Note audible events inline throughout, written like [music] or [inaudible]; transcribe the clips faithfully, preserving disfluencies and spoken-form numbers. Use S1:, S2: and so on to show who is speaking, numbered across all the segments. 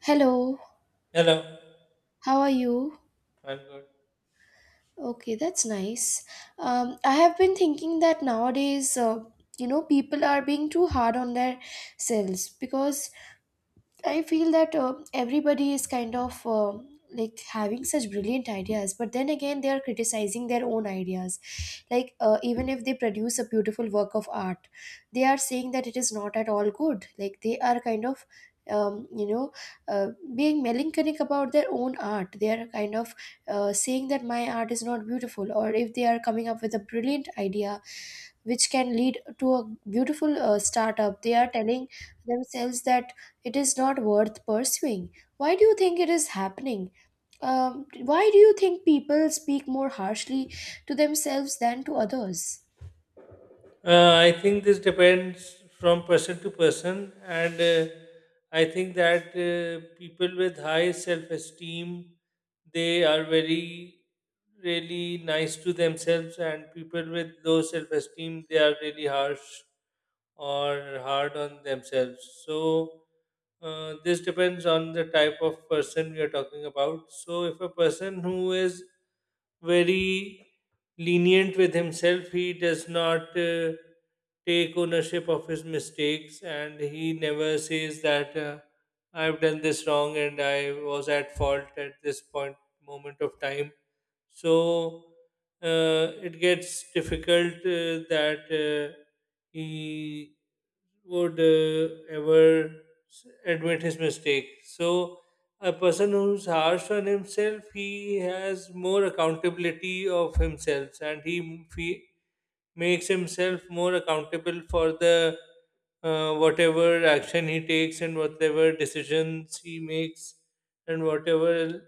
S1: Hello,
S2: Hello,
S1: how are you?
S2: I'm good.
S1: Okay, that's nice. Um, I have been thinking that nowadays, uh, you know, people are being too hard on their selves because I feel that uh, everybody is kind of uh, like having such brilliant ideas, but then again, they are criticizing their own ideas. Like, uh, even if they produce a beautiful work of art, they are saying that it is not at all good. Like, they are kind of um, you know, uh, being melancholic about their own art. They are kind of uh, saying that my art is not beautiful, or if they are coming up with a brilliant idea which can lead to a beautiful uh, startup, they are telling themselves that it is not worth pursuing. Why do you think it is happening? Um, why do you think people speak more harshly to themselves than to others?
S2: Uh, I think this depends from person to person, and uh, I think that uh, people with high self-esteem they are very really nice to themselves, and people with low self-esteem they are really harsh or hard on themselves. So, uh, this depends on the type of person we are talking about. So, if a person who is very lenient with himself, he does not uh, take ownership of his mistakes and he never says that uh, I've done this wrong and I was at fault at this point moment of time, so uh, it gets difficult uh, that uh, he would uh, ever s- admit his mistake. So a person who's harsh on himself, he has more accountability of himself, and he m- fe- makes himself more accountable for the uh, whatever action he takes and whatever decisions he makes and whatever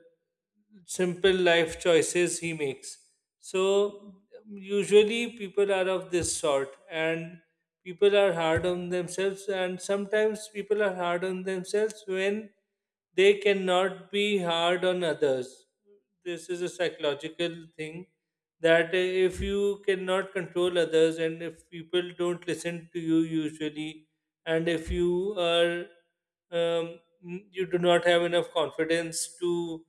S2: simple life choices he makes. So usually people are of this sort, and people are hard on themselves, and sometimes people are hard on themselves when they cannot be hard on others. This is a psychological thing that if you cannot control others and if people don't listen to you usually, and if you are um, you do not have enough confidence to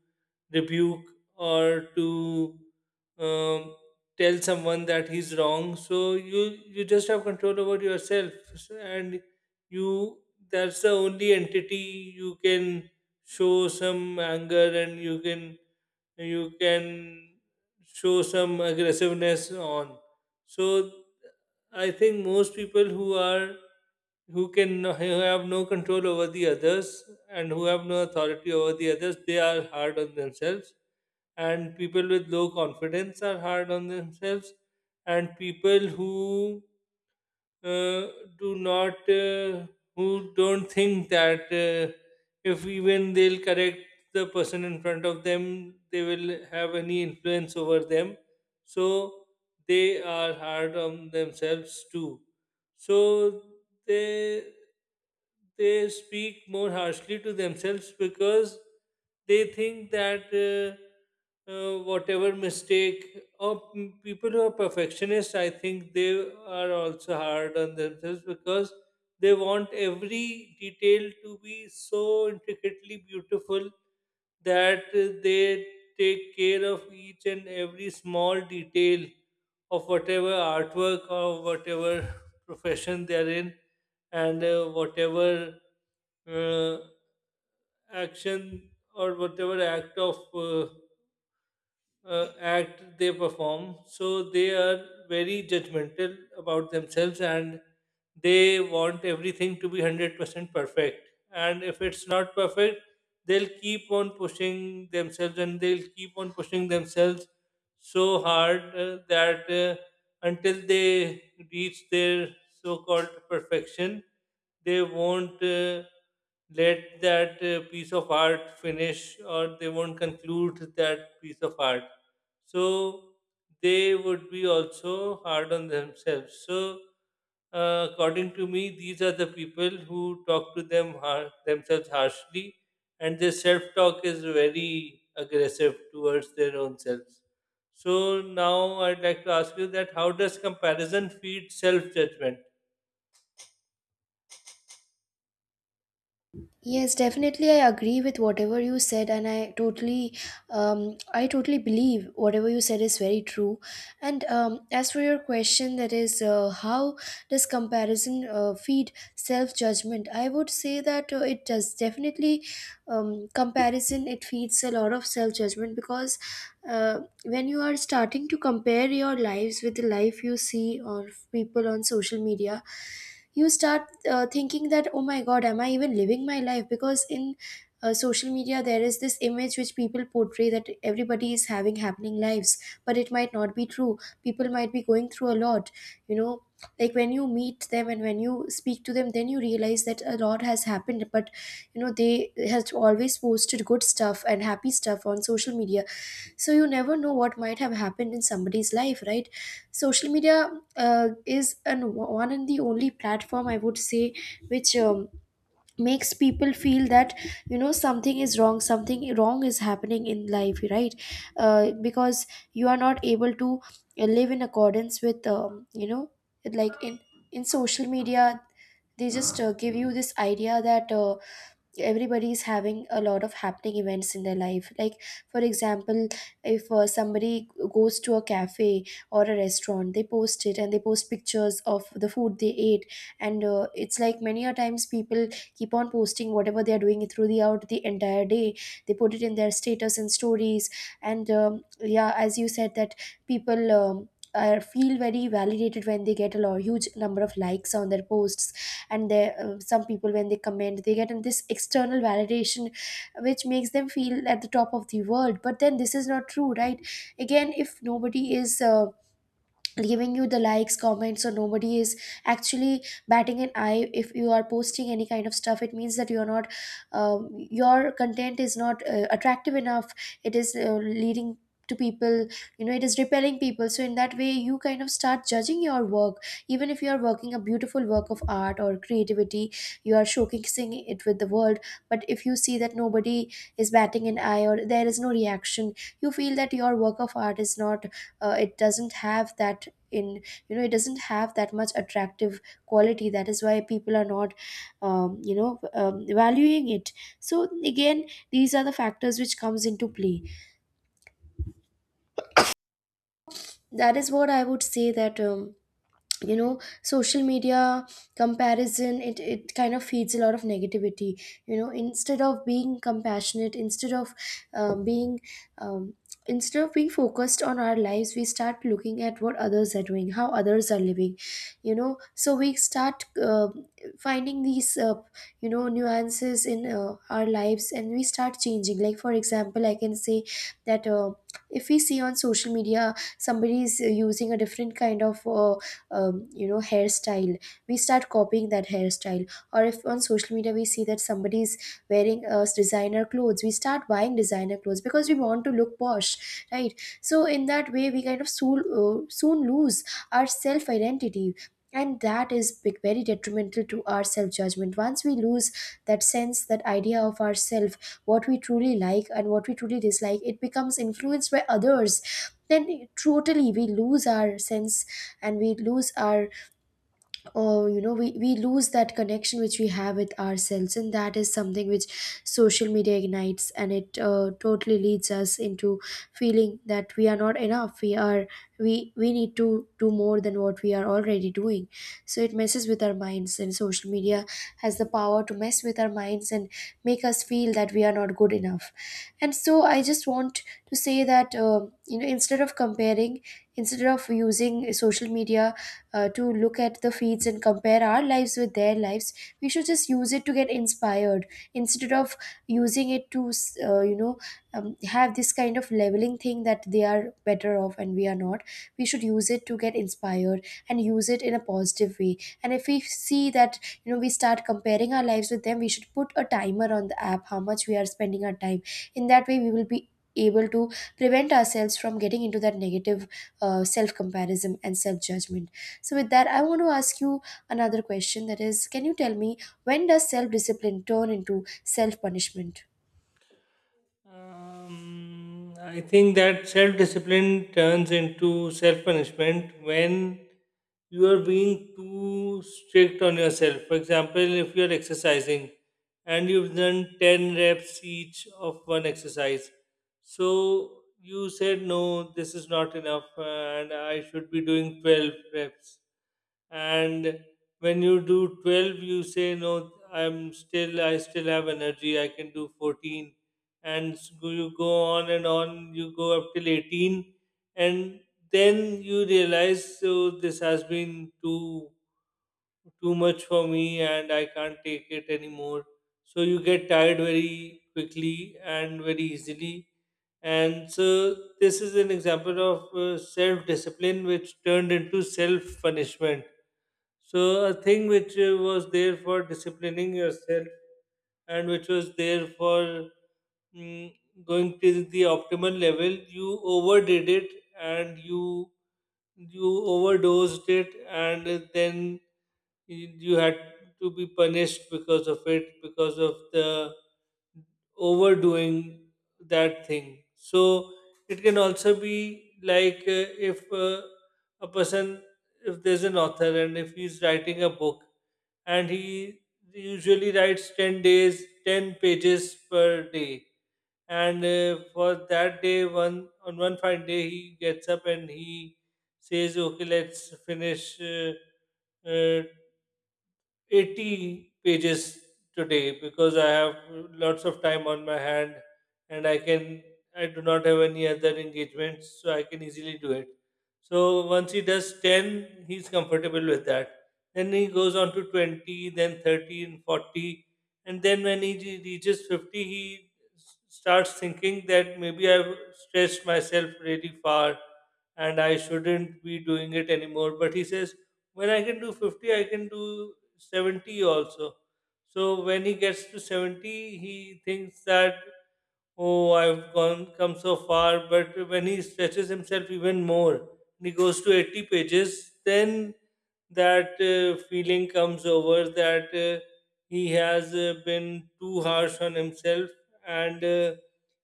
S2: rebuke or to um, tell someone that he's wrong. So you you just have control over yourself, so- and you that's the only entity you can show some anger and you can you can show some aggressiveness on. So I think most people who are who can no- who have no control over the others and who have no authority over the others, they are hard on themselves. And people with low confidence are hard on themselves. And people who uh, do not uh, who don't think that uh, if even they'll correct the person in front of them they will have any influence over them, so they are hard on themselves too, so they they speak more harshly to themselves because they think that uh, uh, whatever mistake or m- people who are perfectionists, I think they are also hard on themselves because they want every detail to be so intricately beautiful that uh, they take care of each and every small detail of whatever artwork or whatever [laughs] profession they are in, and uh, whatever uh, action or whatever act of uh, uh, act they perform. So they are very judgmental about themselves and they want everything to be one hundred percent perfect. And if it's not perfect, they'll keep on pushing themselves and they'll keep on pushing themselves so hard uh, that uh, until they reach their so called perfection, they won't. Uh, let that uh, piece of art finish, or they won't conclude that piece of art, so they would be also hard on themselves. So uh, according to me, these are the people who talk to them har- themselves harshly, and their self-talk is very aggressive towards their own selves. So now I'd like to ask you that how does comparison feed self-judgment?
S1: Yes, definitely. I agree with whatever you said, and I totally, um, I totally believe whatever you said is very true. And um, as for your question, that is, uh, how does comparison uh, feed self judgment? I would say that uh, it does definitely. Um, comparison it feeds a lot of self judgment because uh, when you are starting to compare your lives with the life you see or people on social media, you start uh, thinking that oh my god, am I even living my life? Because in uh, social media there is this image which people portray that everybody is having happening lives, but it might not be true. People might be going through a lot, you know, like when you meet them and when you speak to them, then you realize that a lot has happened. But you know, they have always posted good stuff and happy stuff on social media, so you never know what might have happened in somebody's life, right? Social media uh, is an one and the only platform, I would say, which um, makes people feel that, you know, something is wrong, something wrong is happening in life, right? uh, because you are not able to uh, live in accordance with, um, you know, like in in social media, they just uh, give you this idea that uh, everybody is having a lot of happening events in their life. Like for example, if uh, somebody goes to a cafe or a restaurant, they post it and they post pictures of the food they ate. And uh, it's like many a times people keep on posting whatever they are doing throughout the entire day. They put it in their status and stories. And um, yeah, as you said that people um, are feel very validated when they get a lot huge number of likes on their posts. And they uh, some people when they comment, they get in this external validation which makes them feel at the top of the world, but then this is not true, right? Again, if nobody is uh, giving you the likes comments, so nobody is actually batting an eye if you are posting any kind of stuff, it means that you are not um, your content is not uh, attractive enough. It is uh, leading to people, you know, it is repelling people. So in that way, you kind of start judging your work even if you are working a beautiful work of art or creativity, you are showcasing it with the world. But if you see that nobody is batting an eye or there is no reaction, you feel that your work of art is not uh, it doesn't have that in, you know, it doesn't have that much attractive quality. That is why people are not um, you know um, valuing it. So again, these are the factors which comes into play. That is what I would say, that um, you know, social media comparison, it, it kind of feeds a lot of negativity, you know, instead of being compassionate, instead of uh, being um, instead of being focused on our lives, we start looking at what others are doing, how others are living, you know. So we start uh, finding these uh, you know nuances in uh, our lives and we start changing. Like for example, I can say that uh, if we see on social media somebody is uh, using a different kind of uh, um, you know, hairstyle, we start copying that hairstyle. Or if on social media we see that somebody is wearing uh, designer clothes, we start buying designer clothes because we want to look posh, right? So in that way, we kind of soon, uh, soon lose our self identity, and that is big, very detrimental to our self judgment. Once we lose that sense, that idea of ourself, what we truly like and what we truly dislike, it becomes influenced by others, then totally we lose our sense and we lose our, or you know, we, we lose that connection which we have with ourselves. And that is something which social media ignites, and it uh, totally leads us into feeling that we are not enough, we are we we need to do more than what we are already doing. So it messes with our minds, and social media has the power to mess with our minds and make us feel that we are not good enough. And so I just want to say that uh, you know, instead of comparing, instead of using social media uh, to look at the feeds and compare our lives with their lives, we should just use it to get inspired, instead of using it to s- uh, you know, um, have this kind of leveling thing that they are better off and we are not. We should use it to get inspired and use it in a positive way. And if we see that, you know, we start comparing our lives with them, we should put a timer on the app how much we are spending our time. In that way, we will be able to prevent ourselves from getting into that negative uh, self comparison and self judgment. So, with that, I want to ask you another question, that is, can you tell me, when does self discipline turn into self punishment?
S2: Um, I think that self discipline turns into self punishment when you are being too strict on yourself. For example, if you are exercising and you've done ten reps each of one exercise, so you said, no, this is not enough, uh, and I should be doing twelve reps. And when you do twelve, you say, no, I'm still, I still have energy, I can do fourteen, and s- go- you go on and on, you go up till eighteen, and then you realize, so this has been too too much for me and I can't take it anymore. So you get tired very quickly and very easily. And so this is an example of uh, self discipline which turned into self punishment. So a thing which uh, was there for disciplining yourself and which was there for mm, going to the optimal level, you overdid it, and you you overdosed it, and then you you had to be punished because of it, because of the overdoing that thing. So it can also be like uh, if uh, a person if there's an author and if he's writing a book and he usually writes ten days ten pages per day, and uh, for that day one on one fine day he gets up and he says, okay, let's finish uh, uh, eighty pages today because I have lots of time on my hand and I can I do not have any other engagements, so I can easily do it. So once he does ten, he's comfortable with that. Then he goes on to twenty, then thirty and forty. And then when he re- reaches fifty, he s- starts thinking that maybe I've stretched myself really far and I shouldn't be doing it anymore. But he says, when I can do fifty, I can do seventy also. So when he gets to seventy, he thinks that, oh, I've gone come so far, but when he stretches himself even more and he goes to eighty pages, then that uh, feeling comes over, that uh, he has uh, been too harsh on himself and uh,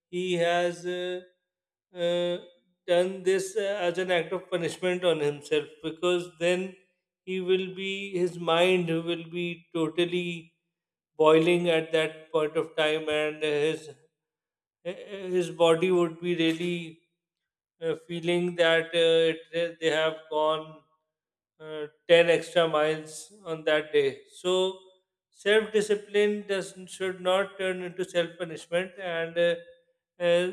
S2: he has uh, uh, done this uh, as an act of punishment on himself, because then he will be his mind will be totally boiling at that point of time, and his uh, his body would be really uh, feeling that uh, it, they have gone uh, ten extra miles on that day. So, self discipline does should not turn into self punishment, and uh, uh,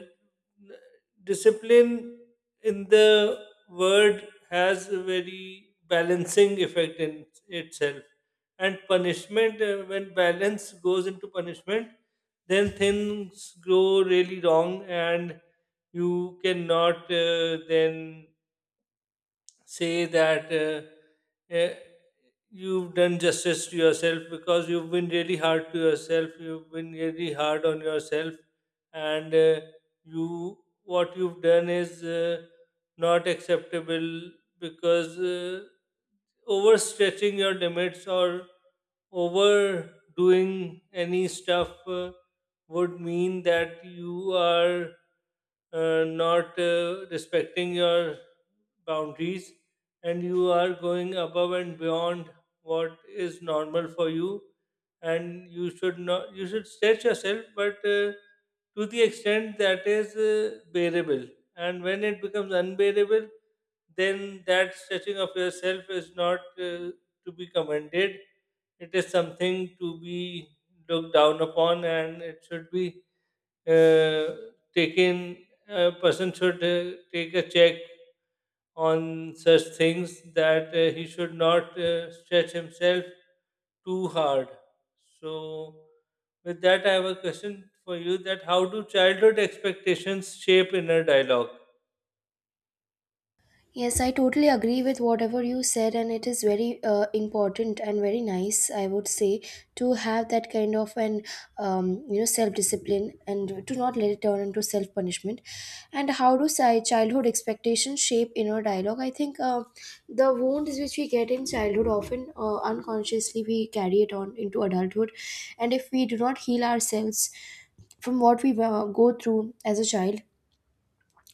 S2: discipline in the word has a very balancing effect in itself. And punishment, uh, when balance goes into punishment, then things go really wrong, and you cannot uh, then say that uh, uh, you've done justice to yourself, because you've been really hard to yourself, you've been really hard on yourself, and uh, you what you've done is uh, not acceptable, because uh, overstretching your limits or overdoing any stuff uh, would mean that you are uh, not uh, respecting your boundaries and you are going above and beyond what is normal for you, and you should not, you should stretch yourself, but uh, to the extent that is uh, bearable, and when it becomes unbearable, then that stretching of yourself is not uh, to be commended, it is something to be looked down upon, and it should be uh, taken, a person should uh, take a check on such things, that uh, he should not uh, stretch himself too hard. So, with that, I have a question for you: that how do childhood expectations shape inner dialogue?
S1: Yes, I totally agree with whatever you said, and it is very uh, important and very nice, I would say, to have that kind of an um, you know, self discipline and to not let it turn into self punishment. And how do si- childhood expectations shape inner dialogue? I think uh, the wounds which we get in childhood often uh, unconsciously we carry it on into adulthood. And if we do not heal ourselves from what we uh, go through as a child,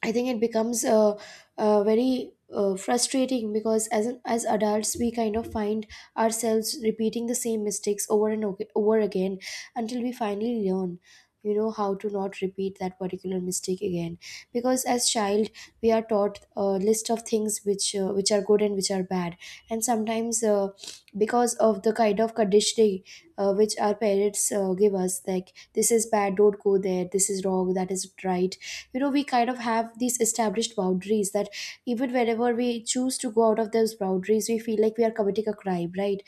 S1: I think it becomes uh, uh, very uh, frustrating, because as an, as adults, we kind of find ourselves repeating the same mistakes over and ag- over again, until we finally learn, you know, how to not repeat that particular mistake again. Because as child, we are taught a list of things which uh, which are good and which are bad. And sometimes uh, because of the kind of conditioning uh, which our parents uh, give us, like this is bad, don't go there, this is wrong, that is right, you know, we kind of have these established boundaries that even whenever we choose to go out of those boundaries, we feel like we are committing a crime, right?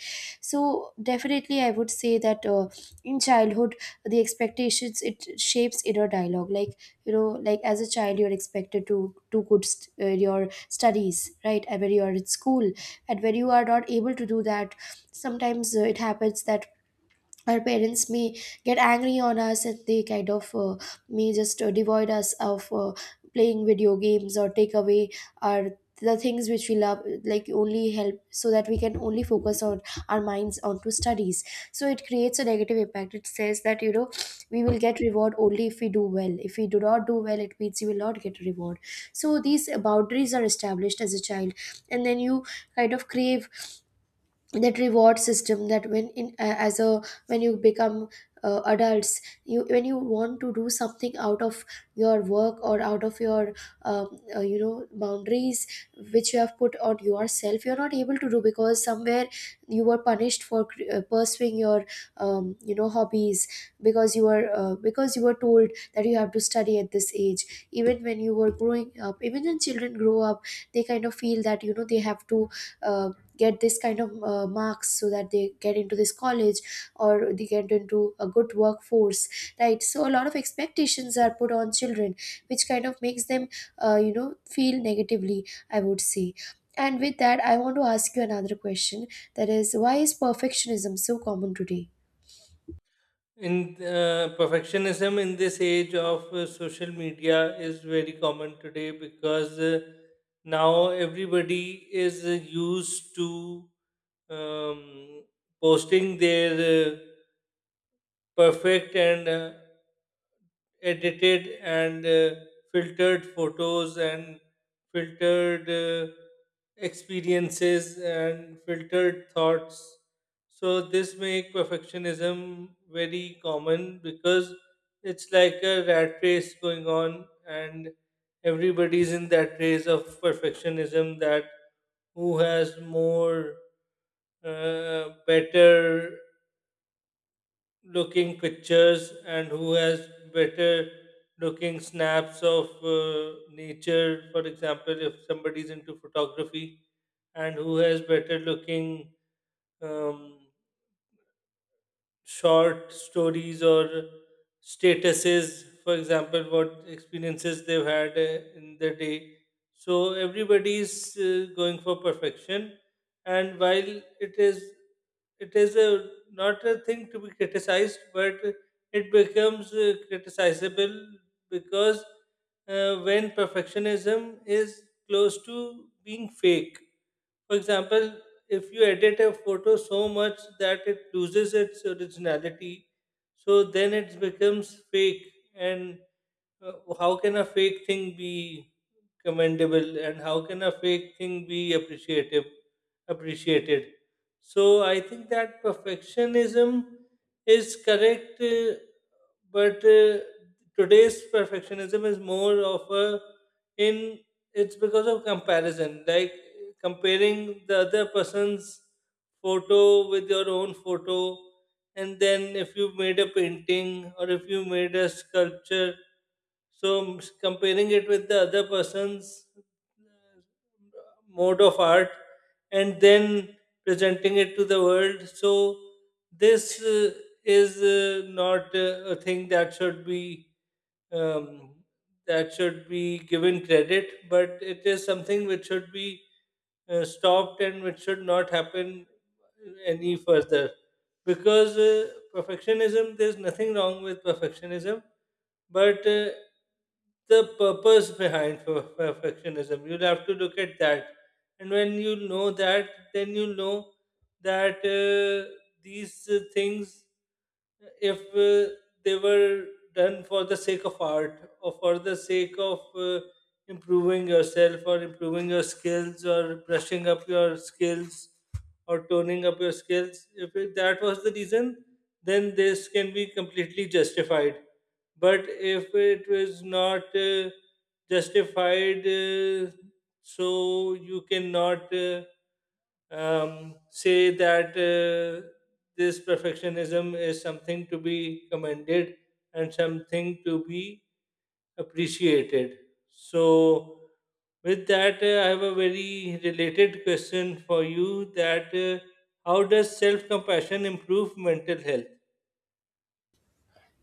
S1: So definitely I would say that uh, in childhood, the expectations, it shapes inner dialogue. Like, you know, like as a child you're expected to do good st- uh, your studies, right? And when you are in school and when you are not able to do that, sometimes uh, it happens that our parents may get angry on us, and they kind of uh, may just uh, devoid us of uh, playing video games, or take away our, the things which we love, like only help, so that we can only focus on our minds onto studies. So it creates a negative impact. It says that, you know, we will get reward only if we do well. If we do not do well, it means you will not get reward. So these boundaries are established as a child, and then you kind of crave that reward system, that when in a- as a, when you become uh, adults, you, when you want to do something out of your work or out of your um, uh, you know, boundaries which you have put on yourself, you're not able to do, because somewhere you were punished for cr- uh, pursuing your um, you know, hobbies. Because you were uh, because you were told that you have to study at this age, even when you were growing up. Even when children grow up, they kind of feel that, you know, they have to uh, get this kind of uh, marks so that they get into this college or they get into a good workforce, right? So a lot of expectations are put on children, which kind of makes them uh, you know feel negatively, I would say. And with that, I want to ask you another question, that is, why is perfectionism so common today?
S2: In uh, Perfectionism in this age of uh, social media is very common today, because uh, now everybody is uh, used to um, posting their uh, perfect and uh, edited and uh, filtered photos and filtered uh, experiences and filtered thoughts. So this make perfectionism very common, because it's like a rat race going on, and everybody's in that race of perfectionism, that who has more uh, better looking pictures and who has better looking snaps of uh, nature, for example, if somebody's into photography, and who has better looking um, short stories or statuses, for example, what experiences they've had uh, in the day. So everybody is uh, going for perfection, and while it is it is a, not a thing to be criticized, but it becomes uh, criticizable, because uh, when perfectionism is close to being fake. For example, if you edit a photo so much that it loses its originality, so then it becomes fake. And uh, how can a fake thing be commendable? And how can a fake thing be appreciative? Appreciated. So I think that perfectionism is correct, uh, but uh, today's perfectionism is more of a in it's because of comparison, like comparing the other person's photo with your own photo, and then if you made a painting or if you made a sculpture, so s- comparing it with the other person's uh, mode of art, and then presenting it to the world. So this uh, is uh, not uh, a thing that should be um, that should be given credit, but it is something which should be uh, stopped and which should not happen any further. Because uh, perfectionism, there's nothing wrong with perfectionism, but uh, the purpose behind per- perfectionism. You'll have to look at that. And when you know that, then you know that uh, these uh, things, if uh, they were done for the sake of art or for the sake of uh, improving yourself or improving your skills or brushing up your skills or toning up your skills, if it, that was the reason, then this can be completely justified, but if it was not uh, justified, uh, so you cannot uh, um, say that uh, this perfectionism is something to be commended and something to be appreciated. So, with that, uh, I have a very related question for you: that uh, how does self compassion improve mental health?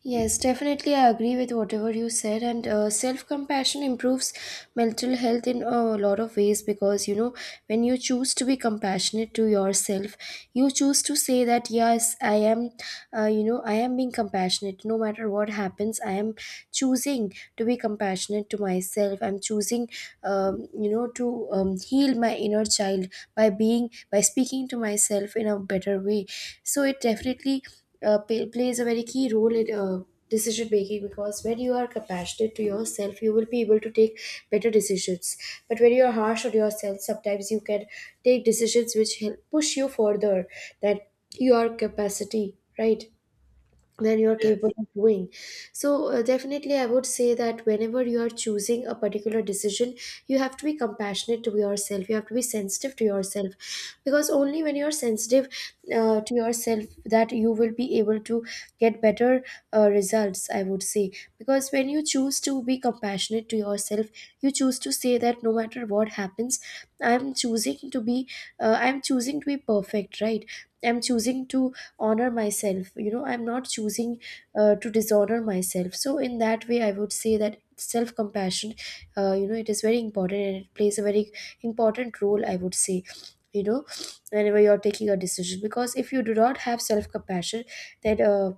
S1: Yes, definitely. I agree with whatever you said. And uh, self compassion improves mental health in a lot of ways because, you know, when you choose to be compassionate to yourself, you choose to say that, yes, I am uh, you know i am being compassionate. No matter what happens, i am choosing to be compassionate to myself. I'm choosing um, you know to um, heal my inner child by being by speaking to myself in a better way. So it definitely uh, pay, plays a very key role in uh, decision making, because when you are compassionate to yourself, you will be able to take better decisions. But when you are harsh on yourself, sometimes you can take decisions which help push you further than your capacity, right? Than you're
S2: Yes.
S1: capable of doing. So uh, definitely I would say that whenever you are choosing a particular decision, you have to be compassionate to yourself, you have to be sensitive to yourself, because only when you're sensitive uh, to yourself that you will be able to get better uh, results, I would say. Because when you choose to be compassionate to yourself, you choose to say that no matter what happens, i'm choosing to be uh, I'm choosing to be perfect, right? I'm choosing to honor myself, you know. I'm not choosing uh, to dishonor myself. So in that way, I would say that self compassion, uh, you know it is very important, and it plays a very important role, I would say, you know, whenever you're taking a decision. Because if you do not have self compassion, then uh,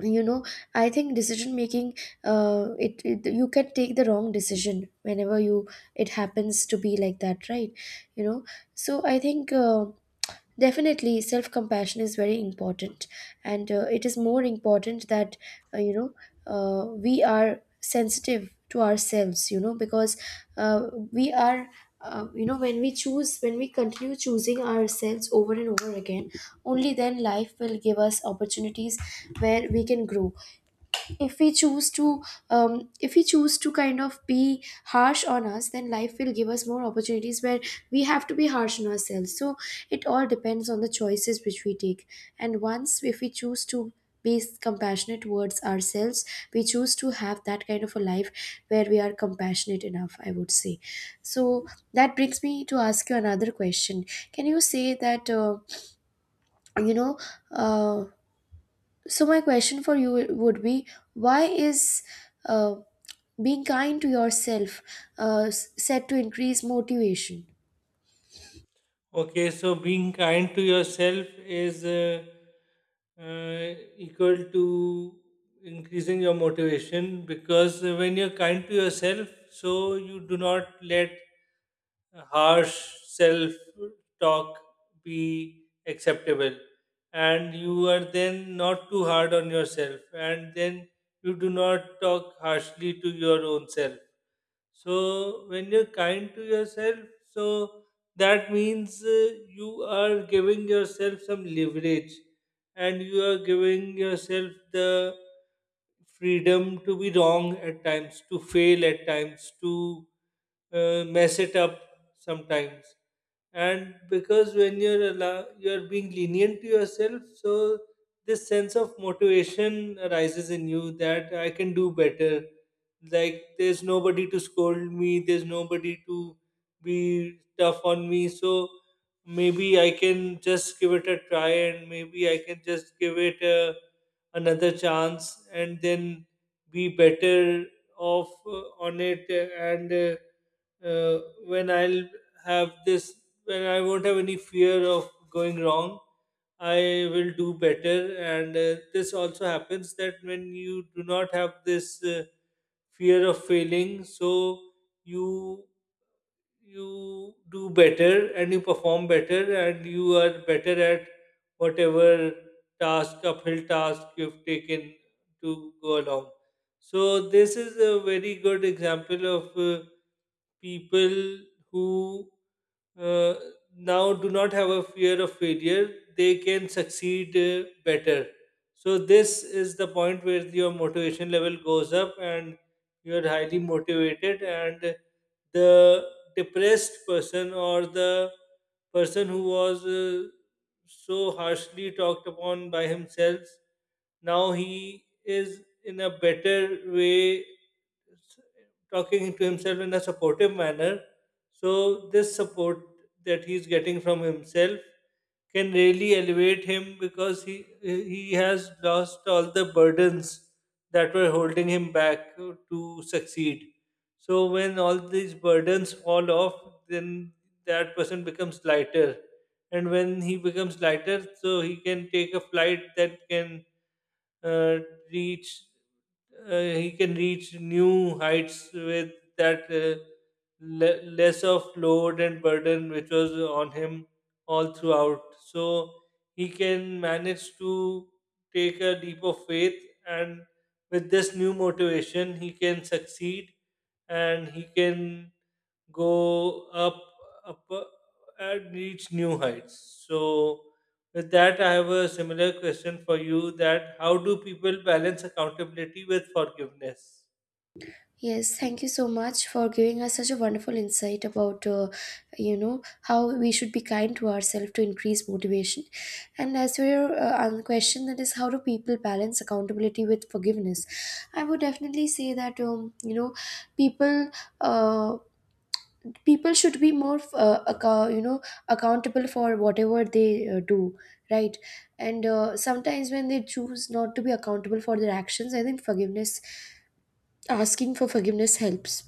S1: you know I think decision making, uh, it, it you can take the wrong decision whenever you, it happens to be like that, right? You know. So I think uh, definitely self compassion is very important, and uh, it is more important that uh, you know uh, we are sensitive to ourselves. You know, because uh, we are. Uh, you know when we choose when we continue choosing ourselves over and over again, only then life will give us opportunities where we can grow. If we choose to, um, if we choose to kind of be harsh on us, then life will give us more opportunities where we have to be harsh on ourselves. So it all depends on the choices which we take, and once if we choose to be compassionate towards ourselves, we choose to have that kind of a life where we are compassionate enough, I would say. So that brings me to ask you another question. Can you say that uh, you know uh, so my question for you would be, why is uh, being kind to yourself uh, s- said to increase motivation?
S2: Okay, so being kind to yourself is uh, uh, equal to increasing your motivation, because when you're kind to yourself, so you do not let harsh self talk be acceptable, and you are then not too hard on yourself, and then you do not talk harshly to your own self. So when you're kind to yourself, so that means uh, you are giving yourself some leverage, and you are giving yourself the freedom to be wrong at times, to fail at times, to uh, mess it up sometimes. And because when you're allow- you're being lenient to yourself, so this sense of motivation arises in you, that I can do better, like there's nobody to scold me, there's nobody to be tough on me, so maybe I can just give it a try, and maybe I can just give it a, another chance and then be better off uh, on it, and uh, uh, when I'll have this, when I won't have any fear of going wrong, I will do better. And uh, this also happens that when you do not have this. Uh, fear of failing, so you you do better, and you perform better, and you are better at whatever task uphill task you've taken to go along. So this is a very good example of uh, people who uh, now do not have a fear of failure, they can succeed uh, better. So this is the point where your motivation level goes up, and you're highly motivated, and the depressed person, or the person who was uh, so harshly talked upon by himself, now he is in a better way s- talking to himself in a supportive manner. So this support that he's getting from himself can really elevate him, because he he has lost all the burdens that were holding him back to succeed, so when all these burdens fall off, then that person becomes lighter, and when he becomes lighter, so he can take a flight that can uh, reach uh, he can reach new heights, with that uh, le- less of load and burden which was on him all throughout. So he can manage to take a leap of faith, and with this new motivation, he can succeed and he can go up up uh, and reach new heights. So with that, I have a similar question for you: that how do people balance accountability with forgiveness?
S1: Yes, thank you so much for giving us such a wonderful insight about, uh, you know, how we should be kind to ourselves to increase motivation. And as for your uh, other question, that is, how do people balance accountability with forgiveness? I would definitely say that, um, you know, people. Uh, People should be more uh, account, you know, accountable for whatever they uh, do, right? And uh, sometimes when they choose not to be accountable for their actions, I think forgiveness asking for forgiveness helps.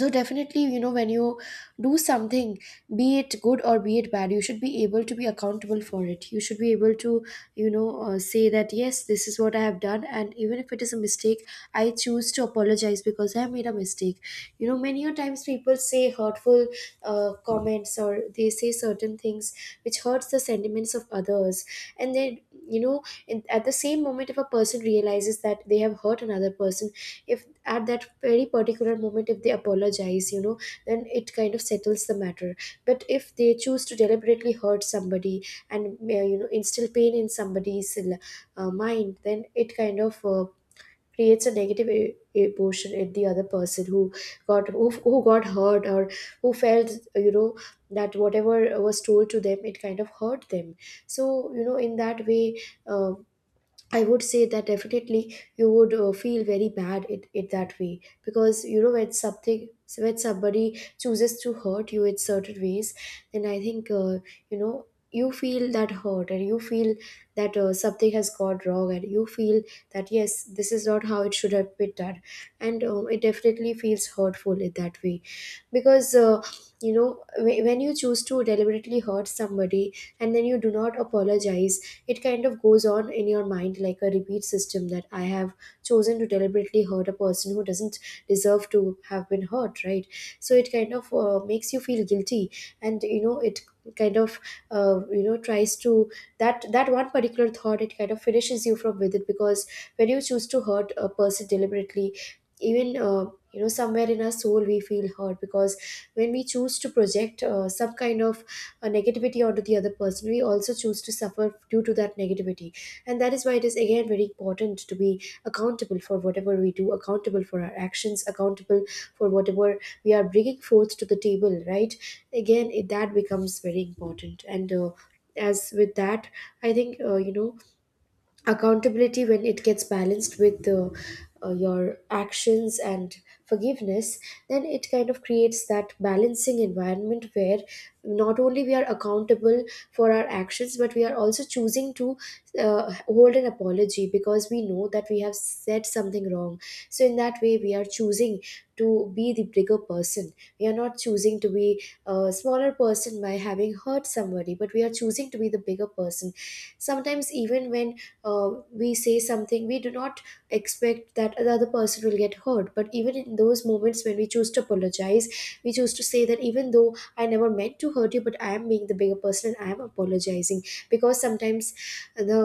S1: So definitely, you know, when you do something, be it good or be it bad, you should be able to be accountable for it. You should be able to, you know, uh, say that, yes, this is what I have done, and even if it is a mistake, I choose to apologize because I made a mistake. You know, many a times people say hurtful uh, comments, or they say certain things which hurts the sentiments of others. And then, you know, in, at the same moment, if a person realizes that they have hurt another person, if at that very particular moment if they apologize, you know, then it kind of settles the matter. But if they choose to deliberately hurt somebody and uh, you know, instill pain in somebody's uh, mind, then it kind of uh, creates a negative e- emotion in the other person who got who, who got hurt, or who felt, you know, that whatever was told to them, it kind of hurt them. So you know, in that way, uh, I would say that definitely you would uh, feel very bad, it, it that way. Because you know, when something when somebody chooses to hurt you in certain ways, then I think uh, you know, you feel that hurt, and you feel that uh, something has gone wrong, and you feel that yes, this is not how it should have been done. And um, it definitely feels hurtful in that way. Because uh, you know, wh- when you choose to deliberately hurt somebody and then you do not apologize, it kind of goes on in your mind like a repeat system that I have chosen to deliberately hurt a person who doesn't deserve to have been hurt, right? So it kind of uh, makes you feel guilty, and you know it kind of uh, you know, tries to, that that one particular thought, it kind of finishes you from within. Because when you choose to hurt a person deliberately, even uh, you know, somewhere in our soul we feel hurt. Because when we choose to project uh, some kind of uh, negativity onto the other person, we also choose to suffer due to that negativity. And that is why it is again very important to be accountable for whatever we do, accountable for our actions, accountable for whatever we are bringing forth to the table, right? Again it, that becomes very important. And uh, as with that, I think uh, you know, accountability, when it gets balanced with uh, uh, your actions and forgiveness, then it kind of creates that balancing environment where not only we are accountable for our actions, but we are also choosing to uh, hold an apology because we know that we have said something wrong. So in that way, we are choosing to be the bigger person. We are not choosing to be a smaller person by having hurt somebody, but we are choosing to be the bigger person. Sometimes even when uh, we say something, we do not expect that the other person will get hurt, but even in those moments, when we choose to apologize, we choose to say that even though I never meant to hurt you, but I am being the bigger person and I am apologizing. Because sometimes the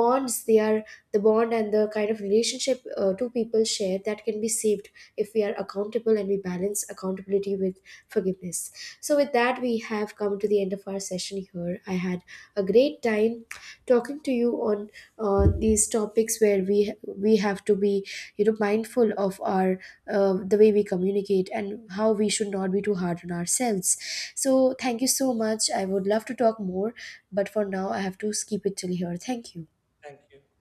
S1: bonds they are the bond and the kind of relationship uh, two people share, that can be saved if we are accountable and we balance accountability with forgiveness. So with that, we have come to the end of our session here. I had a great time talking to you on uh, these topics, where we we have to be, you know, mindful of our uh, the way we communicate, and how we should not be too hard on ourselves. So thank you so much. I would love to talk more, but for now I have to skip it till here. Thank you.
S2: Thank you.